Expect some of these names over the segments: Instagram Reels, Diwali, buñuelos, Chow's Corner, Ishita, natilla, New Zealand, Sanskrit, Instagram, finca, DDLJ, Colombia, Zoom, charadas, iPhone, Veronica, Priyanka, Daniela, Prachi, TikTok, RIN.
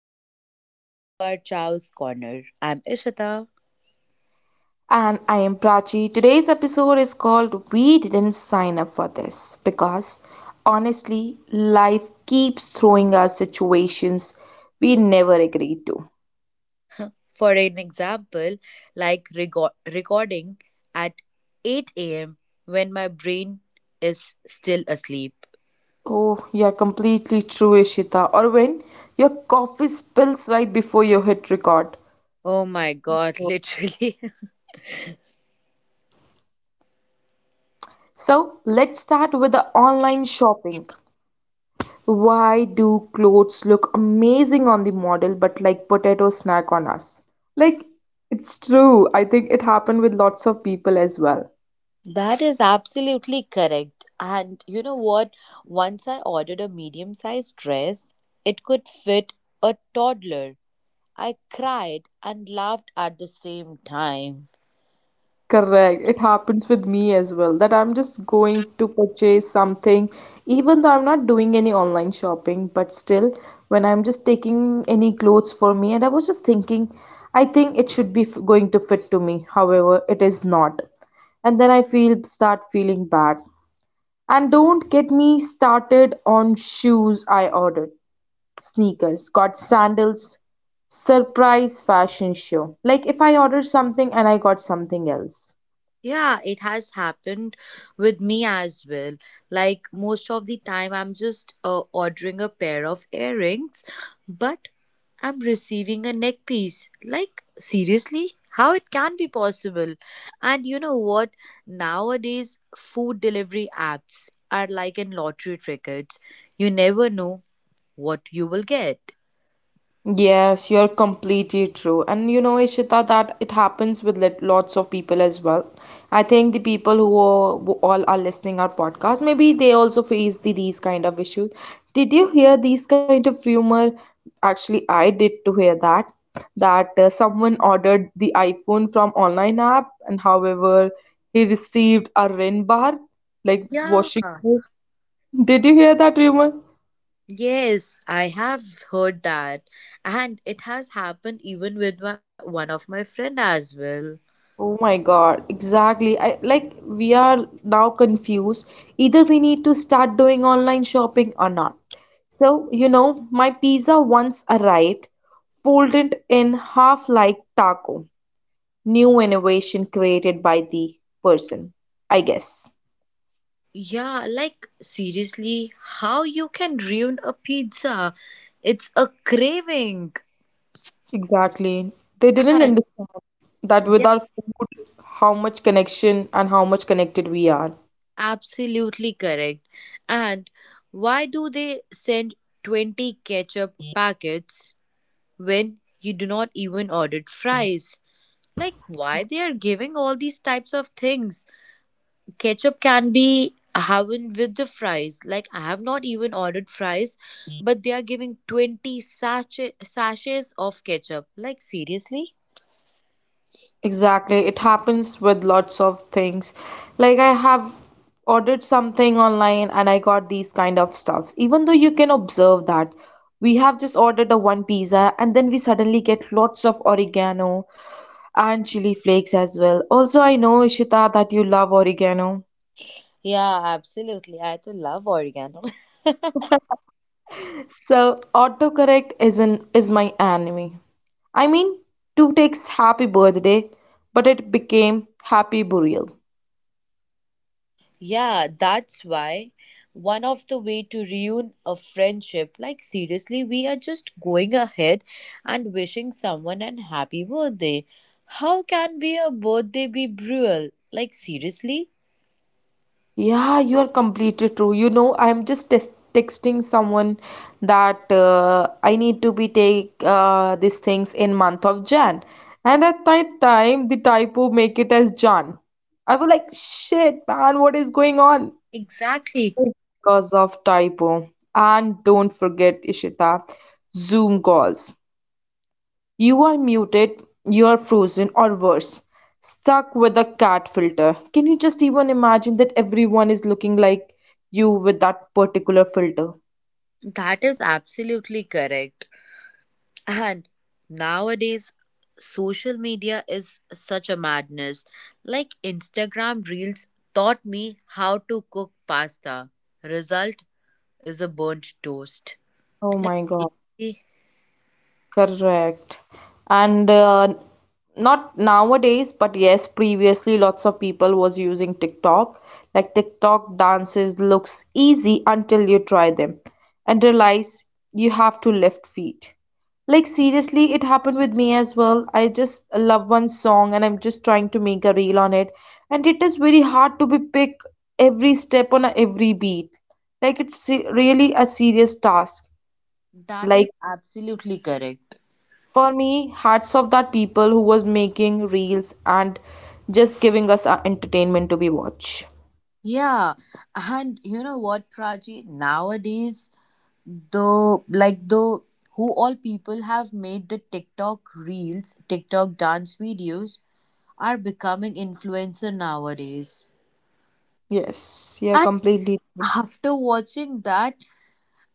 everyone, welcome to our Chow's Corner. I'm Ishita. And I am Prachi. Today's episode is called We Didn't Sign Up for This because honestly, life keeps throwing us situations we never agreed to. For an example, like recording at 8 a.m. when my brain is still asleep. Oh, you're completely true, Ishita. Or when your coffee spills right before you hit record. Oh my god, literally. So let's start with the online shopping. Why do clothes look amazing on the model but like potato snack on us? Like it's true. I think it happened with lots of people as well. That is absolutely correct. And you know what? Once I ordered a medium sized dress, it could fit a toddler. I cried and laughed at the same time. Correct. It happens with me as well that I'm just going to purchase something, even though I'm not doing any online shopping, but still, when I'm just taking any clothes for me, and I was just thinking, I think it should be f going to fit to me. However, it is not. And then I feel start feeling bad. And don't get me started on shoes I ordered. Sneakers, got sandals, surprise fashion show. Like if I order something and I got something else. Yeah, it has happened with me as well. Like most of the time, I'm just ordering a pair of earrings, but I'm receiving a neck piece. Like, seriously? How it can be possible? And you know what? Nowadays, food delivery apps are like in lottery tickets. You never know what you will get. Yes, you're completely true. And you know, Ishita, that it happens with lots of people as well. I think the people who, who all are listening our podcast, maybe they also face these kind of issues. Did you hear these kind of rumor? Actually, I did to hear that someone ordered the iPhone from online app, and however, he received a RIN bar like Yeah. washing. Did you hear that rumor? Yes, I have heard that. And it has happened even with my, one of my friend as well. Oh my God, exactly. I like we are now confused. Either we need to start doing online shopping or not. So, you know, my pizza once arrived, folded in half like taco. New innovation created by the person, I guess. Yeah, like seriously, how you can ruin a pizza? It's a craving. Exactly. They didn't And understand that with yeah, our food, how much connection and how much connected we are. absolutely correct. And why do they send 20 ketchup packets when you do not even order fries? Like why they are giving all these types of things? Ketchup can be having with the fries. Like I have not even ordered fries, but they are giving 20 sachet, sachets of ketchup. Like seriously? Exactly. It happens with lots of things. Like I have ordered something online and I got these kind of stuffs. Even though you can observe that we have just ordered a one pizza and then we suddenly get lots of oregano and chili flakes as well. Also, I know Ishita that you love oregano. Yeah, absolutely. I too love oregano. So autocorrect is my enemy. I mean, two takes happy birthday, but it became happy burial. Yeah, that's why one of the way to ruin a friendship, like seriously, we are just going ahead and wishing someone an happy birthday. How can be a birthday be brutal? Like seriously? Yeah, you are completely true. You know, I am just texting someone that I need to be take these things in month of Jan, and at that time the typo make it as Jan. I was like, shit, man, what is going on? Exactly. Yes, because of typo. And don't forget, Ishita, Zoom calls. You are muted, you are frozen, or worse, stuck with a cat filter. Can you just even imagine that everyone is looking like you with that particular filter? That is absolutely correct. And nowadays, social media is such a madness. Like Instagram Reels taught me how to cook pasta. Result is a burnt toast. Oh Like, my god. eh, Correct. And not nowadays, but yes, previously lots of people was using TikTok. Like TikTok dances looks easy until you try them and realize you have to lift feet. Like seriously, it happened with me as well. I just love one song and I'm just trying to make a reel on it. And it is very hard to be pick every step on every beat. Like it's really a serious task. that is Like absolutely correct. for me hats off that people who was making reels and just giving us entertainment to be watch Yeah. And you know what, Prachi? Nowadays, the like the who all people have made the TikTok Reels, TikTok dance videos are becoming influencer nowadays. yes, yeah, And completely after watching that,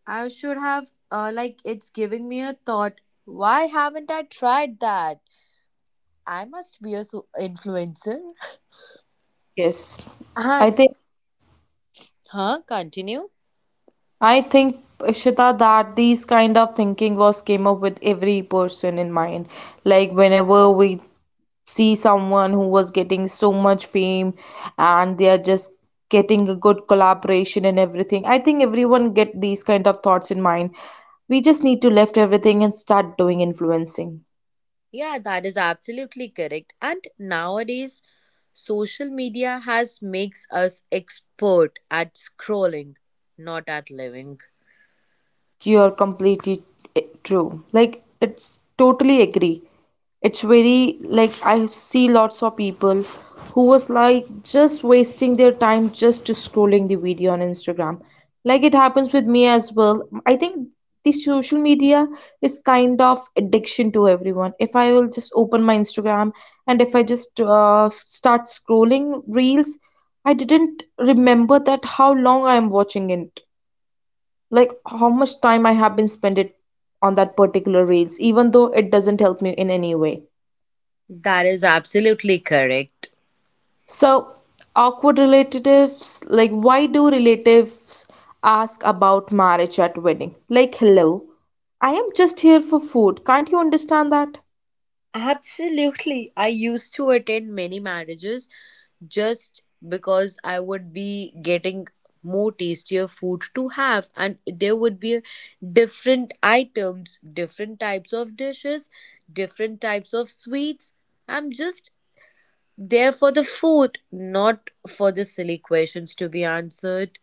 I should have like it's giving me a thought. Why haven't I tried that? I must be a influencer. yes. i And think huh? Continue. i think Ishita that these kind of thinking was came up with every person in mind like whenever we see someone who was getting so much fame and they are just getting a good collaboration and everything, I think everyone get these kind of thoughts in mind. We just need to left everything and start doing influencing. Yeah, that is absolutely correct. And nowadays, social media has makes us expert at scrolling, not at living. You're completely true. Like, it's totally agree. It's very like I see lots of people who was like just wasting their time just to scrolling the video on Instagram. Like it happens with me as well. I think the social media is kind of addiction to everyone. If I will just open my Instagram and if I just start scrolling reels, I didn't remember that how long I am watching it, like how much time I have been spent it on that particular reels, even though it doesn't help me in any way. That is absolutely correct. So awkward relatives, like why do relatives ask about marriage at wedding? Like hello, I am just here for food. Can't you understand that? Absolutely. I used to attend many marriages just because I would be getting more tastier food to have and there would be different items, different types of dishes, different types of sweets. I'm just there for the food, not for the silly questions to be answered.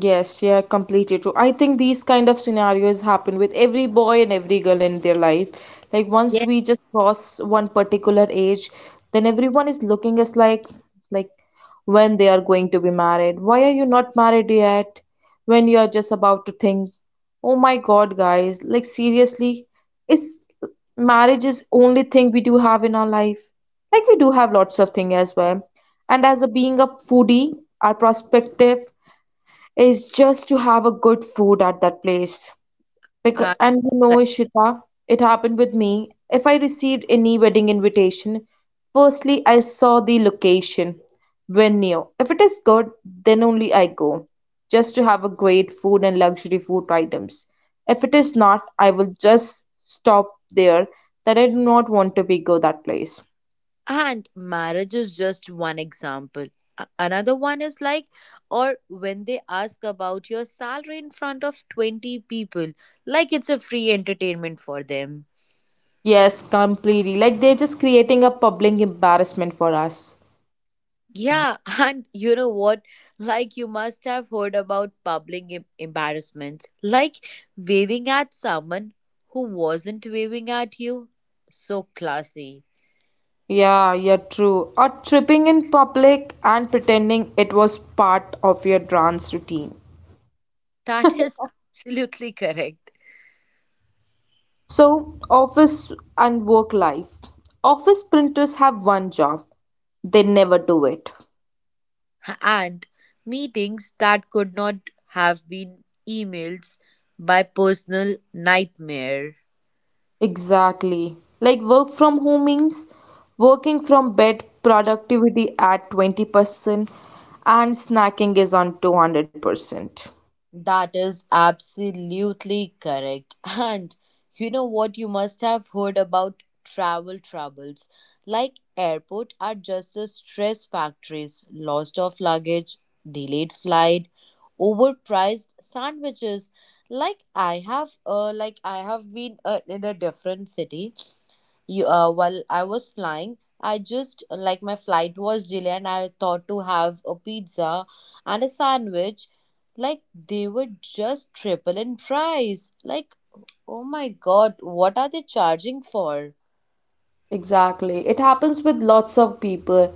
Yes, yeah, completely true. I think these kind of scenarios happen with every boy and every girl in their life. Like once Yes, we just cross one particular age, then everyone is looking us like when they are going to be married. Why are you not married yet? When you are just about to think, "Oh my God, guys, like seriously, is marriage is only thing we do have in our life?" Like we do have lots of things as well. And as a being a foodie, our perspective is just to have a good food at that place. Because, that. and you know, Ishita, it happened with me. If I received any wedding invitation, firstly I saw the location, venue. If it is good, then only I go, just to have a great food and luxury food items. If it is not, I will just stop there, that I do not want to be go that place. And marriage is just one example. Another one is like, or when they ask about your salary in front of 20 people, like it's a free entertainment for them. Yes, completely. Like they're just creating a public embarrassment for us. Yeah, and you know what? Like, you must have heard about public embarrassments, like waving at someone who wasn't waving at you. So classy. Yeah, yeah, true. Or tripping in public and pretending it was part of your dance routine. That is absolutely correct. So, office and work life. Office printers have one job, they never do it. And meetings that could not have been emails by personal nightmare. Exactly. Like work from home means working from bed, productivity at 20%, and snacking is on 200%. That is absolutely correct. And you know what? You must have heard about travel troubles. Like airport are just a stress factories, lost of luggage, delayed flight, overpriced sandwiches. Like I have been in a different city. You, while I was flying, I just like my flight was delayed, and I thought to have a pizza and a sandwich. Like they were just triple in price. Like, oh my god, what are they charging for? Exactly. It happens with lots of people.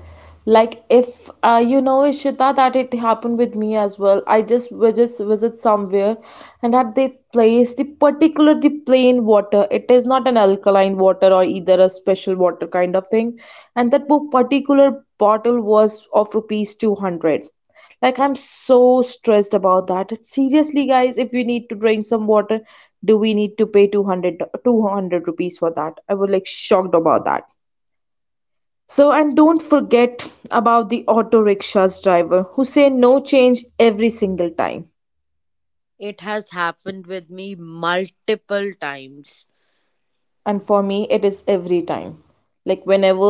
Like if you know Ishita that it happened with me as well. I just we just visit somewhere and at the place the particular the plain water. It is not an alkaline water or either a special water kind of thing. And that particular bottle was of rupees 200. Like I'm so stressed about that. Seriously, guys, if we need to drink some water, do we need to pay 200 200 rupees for that? I was like shocked about that. So, and don't forget about the auto rickshaws driver who say no change every single time. It has happened with me multiple times. And for me it is every time, like whenever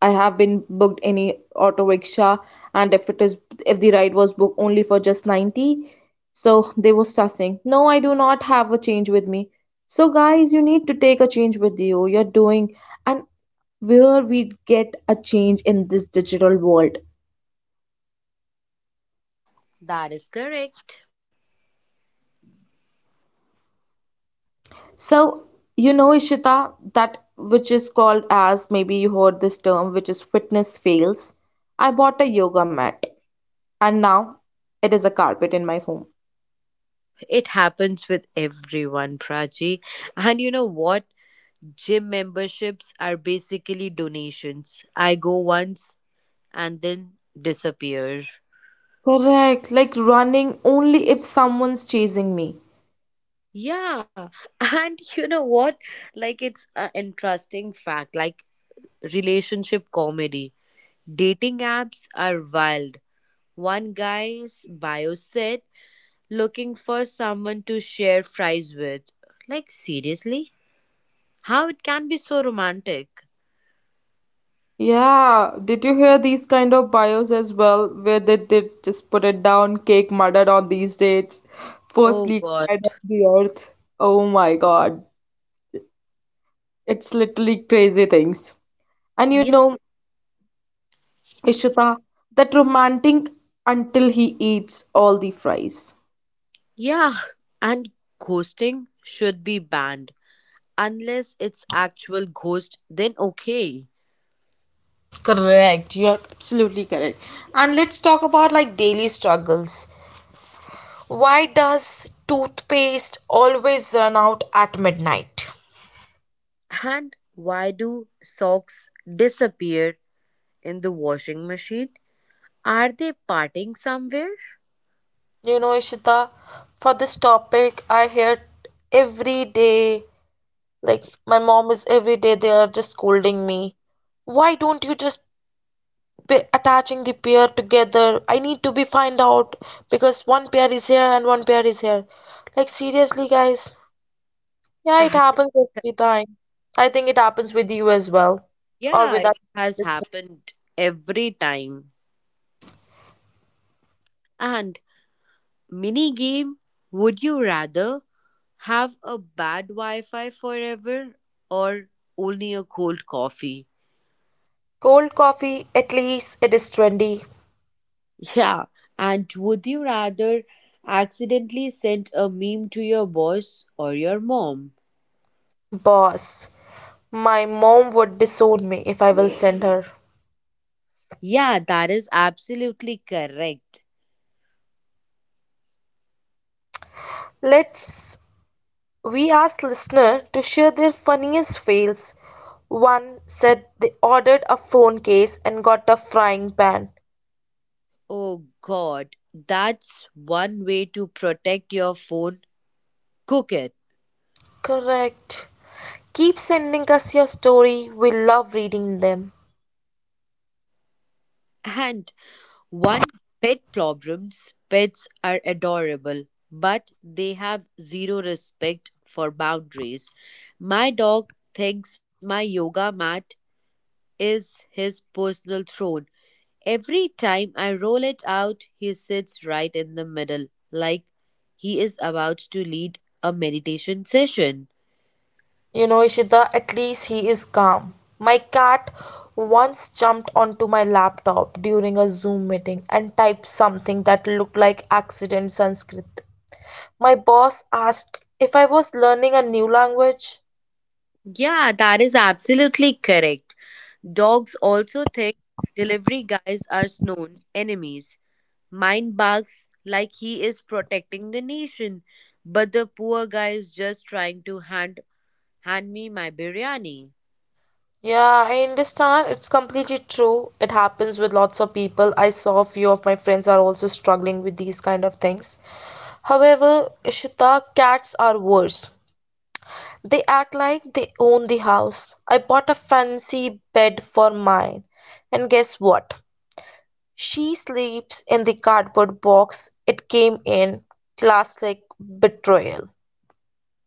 I have been booked any auto rickshaw, and if it is, if the ride was booked only for just 90, so they were saying no, I do not have a change with me. So guys, you need to take a change with you, you're doing. And where we get a change in this digital world? That is correct. So you know Ishita, that which is called as, maybe you heard this term, which is fitness fails. I bought a yoga mat. And now it is a carpet in my home. It happens with everyone, Prachi. And you know what? Gym memberships are basically donations. I go once, and then disappear. Correct, like running only if someone's chasing me. Yeah, and you know what? Like it's an interesting fact. Like relationship comedy, dating apps are wild. One guy's bio said looking for someone to share fries with. Like seriously, how it can be so romantic? Yeah, did you hear these kind of bios as well, where they did just put it down, cake murdered on these dates, Oh firstly cried God. on the earth. Oh my God, it's literally crazy things. And you Yeah, know, Ishita, that romantic until he eats all the fries. yeah, and ghosting should be banned unless it's actual ghost. Then okay. Correct, you are absolutely correct. And let's talk about like daily struggles. Why does toothpaste always run out at midnight? And why do socks disappear in the washing machine? Are they parting somewhere? You know, Ishita, for this topic, I hear every day, like my mom is every day, they are just scolding me. Why don't you just be attaching the pair together? I need to be find out because one pair is here and one pair is here. Like seriously, guys. Yeah, it That is, happens every time. I think it happens with you as well, or yeah, with it has us. happened every time. And mini game, would you rather have a bad Wi-Fi forever or only a cold coffee? Cold coffee, at least it is trendy. Yeah, and would you rather accidentally send a meme to your boss or your mom? Boss, my mom would disown me if I will send her. Yeah, that is absolutely correct. Let's we asked listener to share their funniest fails. One said they ordered a phone case and got a frying pan. Oh God, that's one way to protect your phone. Cook it. Correct. Keep sending us your story. We love reading them. And one pet problems. Pets are adorable, but they have zero respect for boundaries. My dog thinks my yoga mat is his personal throne. Every time I roll it out, he sits right in the middle, like he is about to lead a meditation session. You know, Ishita, at least he is calm. My cat once jumped onto my laptop during a Zoom meeting and typed something that looked like accident Sanskrit. My boss asked if I was learning a new language. Yeah, that is absolutely correct. Dogs also think delivery guys are known enemies. Mine barks like he is protecting the nation, but the poor guy is just trying to hand me my biryani. Yeah, I understand. It's completely true. It happens with lots of people. I saw a few of my friends are also struggling with these kind of things. However, Ishita, cats are worse. They act like they own the house. I bought a fancy bed for mine, and guess what? She sleeps in the cardboard box it came in. Classic betrayal.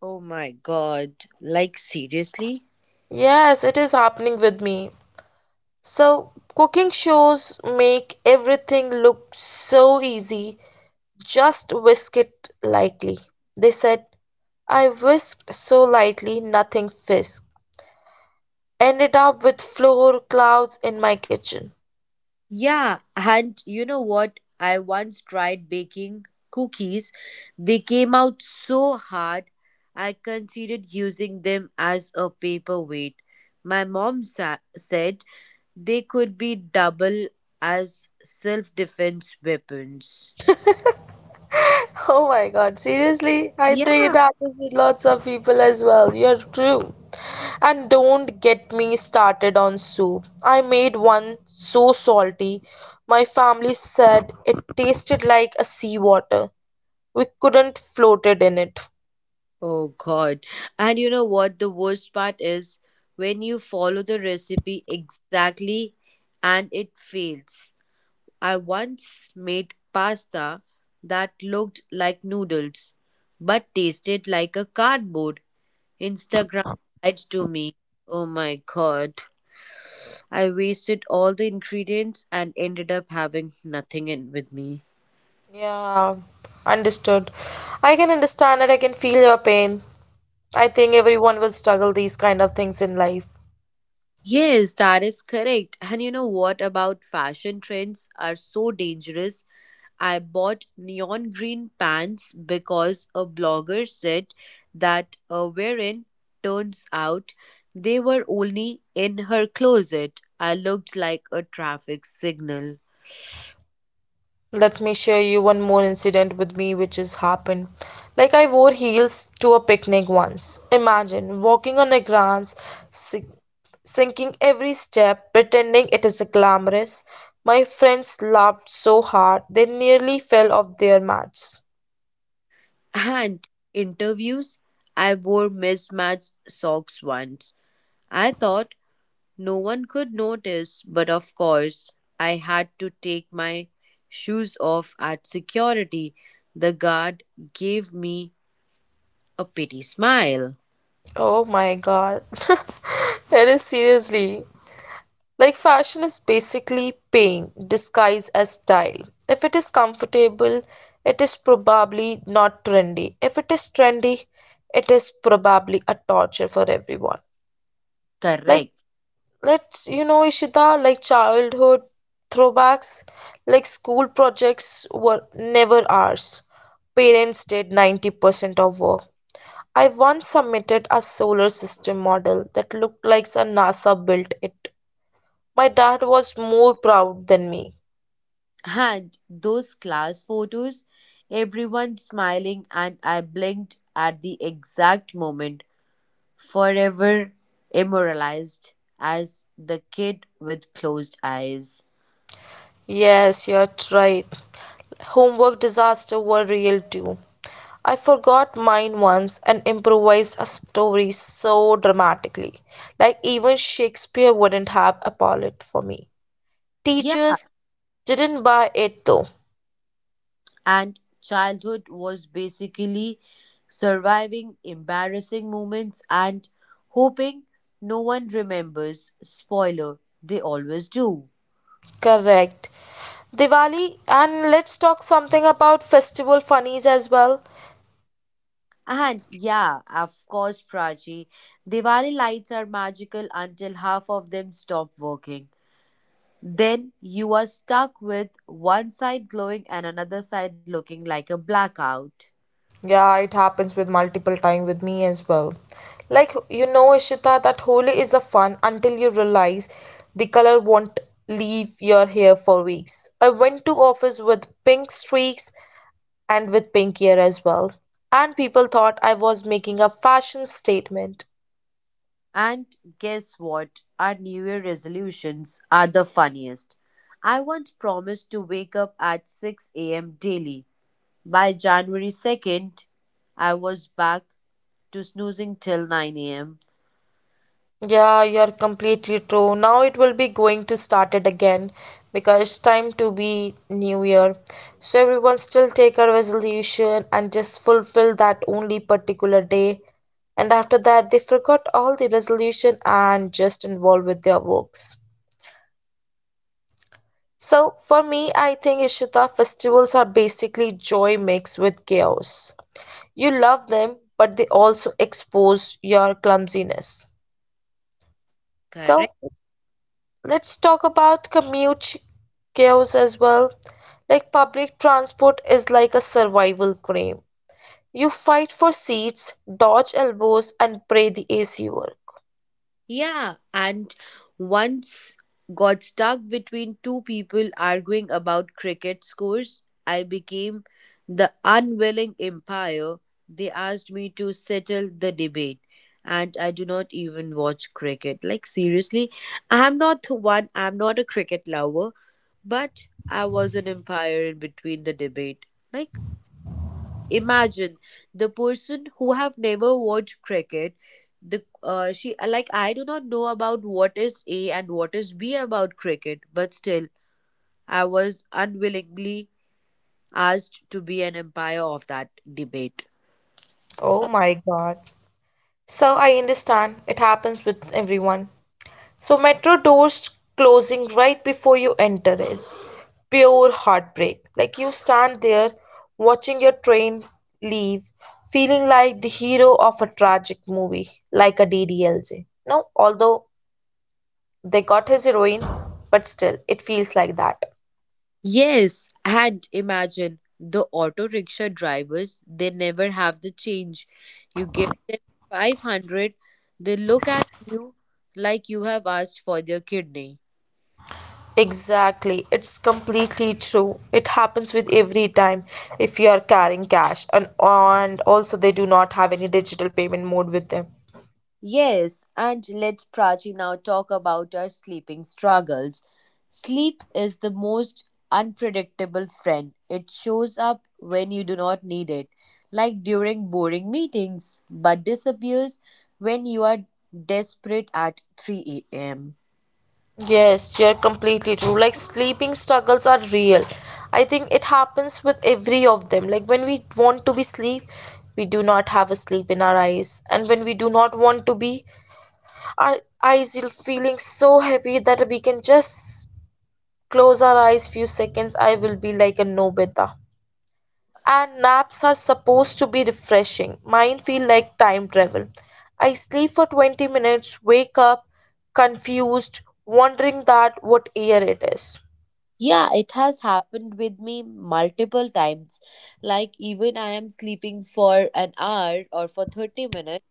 Oh my god. Like seriously? Yes, it is happening with me. So, cooking shows make everything look so easy. Just whisk it lightly. They said, I whisked so lightly, nothing fisked. Ended up with floor clouds in my kitchen. Yeah, and you know what? I once tried baking cookies. They came out so hard, I considered using them as a paperweight. My mom said, they could be double as self defense weapons. Oh my God, seriously? I think it Yeah. happens with lots of people as well. You're true. And don't get me started on soup. I made one so salty. My family said it tasted like a sea water. We couldn't float it in it. Oh God. And you know what? The worst part is when you follow the recipe exactly and it fails. I once made pasta that looked like noodles but tasted like a cardboard. Instagram lied to me. Oh my God. I wasted all the ingredients and ended up having nothing in with me. Yeah, understood. I can understand it. I can feel your pain. I think everyone will struggle these kind of things in life. Yes, that is correct. And you know what about fashion trends are so dangerous? I bought neon green pants because a blogger said that a wearing turns out they were only in her closet. I looked like a traffic signal. Let me share you one more incident with me which has happened. Like I wore heels to a picnic once. Imagine walking on a glance, sink- sinking every step, pretending it is a glamorous. My friends laughed so hard they nearly fell off their mats. And interviews, I wore mismatched socks once. I thought no one could notice, but of course, I had to take my shoes off at security. The guard gave me a pity smile. Oh my god. That is seriously. Like fashion is basically pain disguised as style. If it is comfortable, it is probably not trendy. If it is trendy, it is probably a torture for everyone. Like Correct. let's Ishita, like childhood throwbacks, like school projects were never ours. Parents did 90% of work. I once submitted a solar system model that looked like a NASA built it, my dad was more proud than me. And those class photos, everyone smiling, and I blinked at the exact moment, forever immortalized as the kid with closed eyes. Yes, you're right. Homework disasters were real too. I forgot mine once and improvised a story so dramatically, like even Shakespeare wouldn't have a palette for me. Teachers didn't buy it though. And childhood was basically surviving embarrassing moments and hoping no one remembers. Spoiler, they always do. Correct. Diwali, and let's talk something about festival funnies as well. And yeah, of course, Prachi, Diwali lights are magical until half of them stop working. Then you are stuck with one side glowing and another side looking like a blackout. Yeah, it happens with multiple time with me as well. Like you know, Ishita, that Holi is a fun until you realize the color won't leave your hair for weeks. I went to office with pink streaks and with pink hair as well, and people thought I was making a fashion statement. And guess what? Our New Year resolutions are the funniest. I once promised to wake up at 6 a.m. daily. By January 2nd, I was back to snoozing till 9 a.m. Yeah, you're completely true. Now it will be going to start it again because it's time to be new year. So everyone still take a resolution and just fulfill that only particular day. And after that, they forgot all the resolution and just involved with their works. So for me, I think Ishita festivals are basically joy mixed with chaos. You love them, but they also expose your clumsiness. So Correct. let's talk about commute chaos as well. Like public transport is like a survival game. You fight for seats, dodge elbows, and pray the AC work. Yeah, and once got stuck between two people arguing about cricket scores. I became the unwilling umpire. They asked me to settle the debate, and I do not even watch cricket. Like, seriously, I'm not the one, I'm not a cricket lover, but I was an umpire in between the debate. Like, imagine the person who have never watched cricket, the she like I do not know about what is A and what is B about cricket, but still I was unwillingly asked to be an umpire of that debate. Oh my God. So I understand it happens with everyone. So metro doors closing right before you enter is pure heartbreak. Like you stand there watching your train leave, feeling like the hero of a tragic movie, like a DDLJ. No, although they got his heroine, but still it feels like that. Yes, and imagine the auto rickshaw drivers, they never have the change. You give them 500, they look at you like you have asked for their kidney. Exactly, it's completely true. It happens with every time if you are carrying cash and also they do not have any digital payment mode with them. Yes, and let Prachi now talk about our sleeping struggles. Sleep is the most unpredictable friend. It shows up when you do not need it, like during boring meetings, but disappears when you are desperate at 3 a.m. Yes, you're completely true. Like sleeping struggles are real. I think it happens with every of them. Like when we want to be sleep, we do not have a sleep in our eyes. And when we do not want to be, our eyes are feeling so heavy that we can just close our eyes few seconds. I will be like a no beta, and naps are supposed to be refreshing. Mine feel like time travel. I sleep for 20 minutes, wake up confused, wondering that what year it is. Yeah, it has happened with me multiple times. Like, even I am sleeping for an hour or for 30 minutes.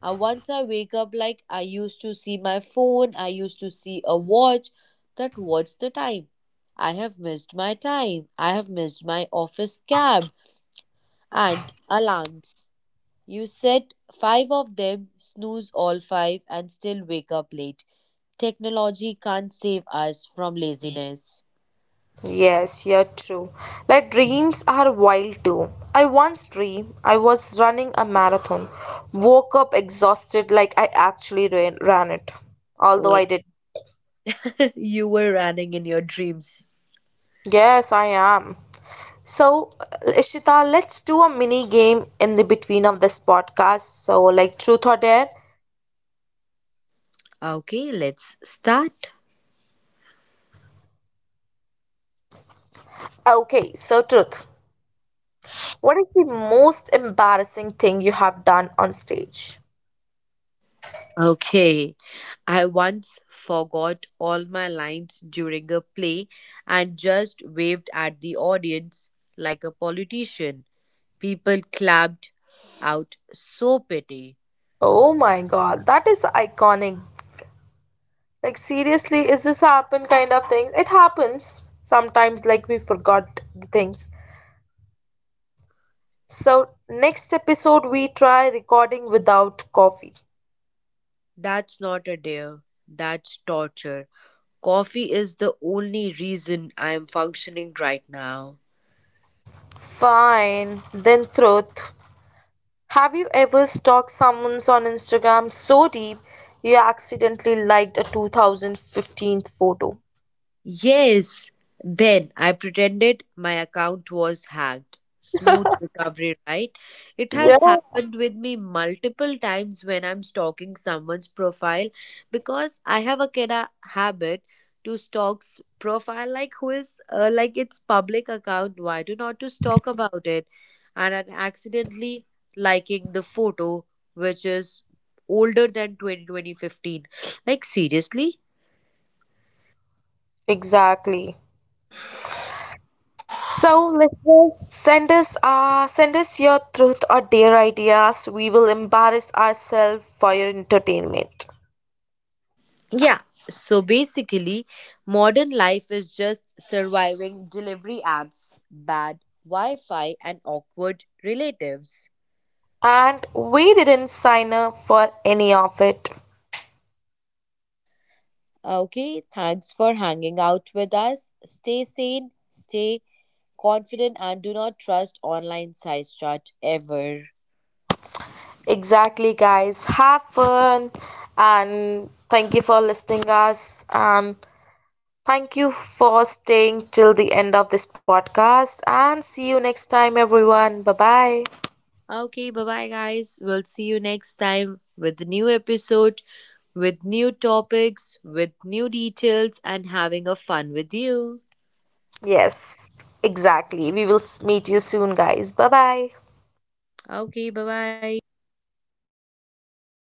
Once I wake up, like I used to see my phone, I used to see a watch that what's the time. I have missed my time. I have missed my office cab. And alarms, you set five of them, snooze all five, and still wake up late. Technology can't save us from laziness. Yes, yeah, true. Like dreams are wild too. I once dreamed I was running a marathon, woke up exhausted like I actually ran, ran it, although Oh. I did. You were running in your dreams. Yes, I am. So, Ishita, let's do a mini game in the between of this podcast. So, like truth or dare. Okay, let's start. Okay, so truth. What is the most embarrassing thing you have done on stage? Okay. I once forgot all my lines during a play and just waved at the audience like a politician. People clapped out so pity. Oh my god, that is iconic. Like seriously, is this happen kind of thing? It happens. Sometimes like we forgot the things. So, next episode we try recording without coffee. That's not a dare. That's torture. Coffee is the only reason I am functioning right now. Fine. Then truth. Have you ever stalked someone on Instagram so deep you accidentally liked a 2015 photo? Yes. Then I pretended my account was hacked. Smooth recovery, right? It Yeah, has happened with me multiple times when I'm stalking someone's profile because I have a kind of habit to stalk profile like who is like its public account. Why do not to stalk about it? And I'm accidentally liking the photo which is older than 20 twenty fifteen. Like seriously? exactly. So, listeners, send us your truth or dare ideas. We will embarrass ourselves for your entertainment. Yeah, so basically, modern life is just surviving delivery apps, bad Wi Fi, and awkward relatives. And we didn't sign up for any of it. Okay, thanks for hanging out with us. Stay sane, stay confident, and do not trust online size chart ever. Exactly, guys. Have fun and thank you for listening us. And thank you for staying till the end of this podcast and see you next time, everyone. Bye bye. Okay, bye bye, guys. We'll see you next time with a new episode, with new topics, with new details, and having a fun with you. Yes, exactly. We will meet you soon, guys. Bye bye. Okay, bye bye.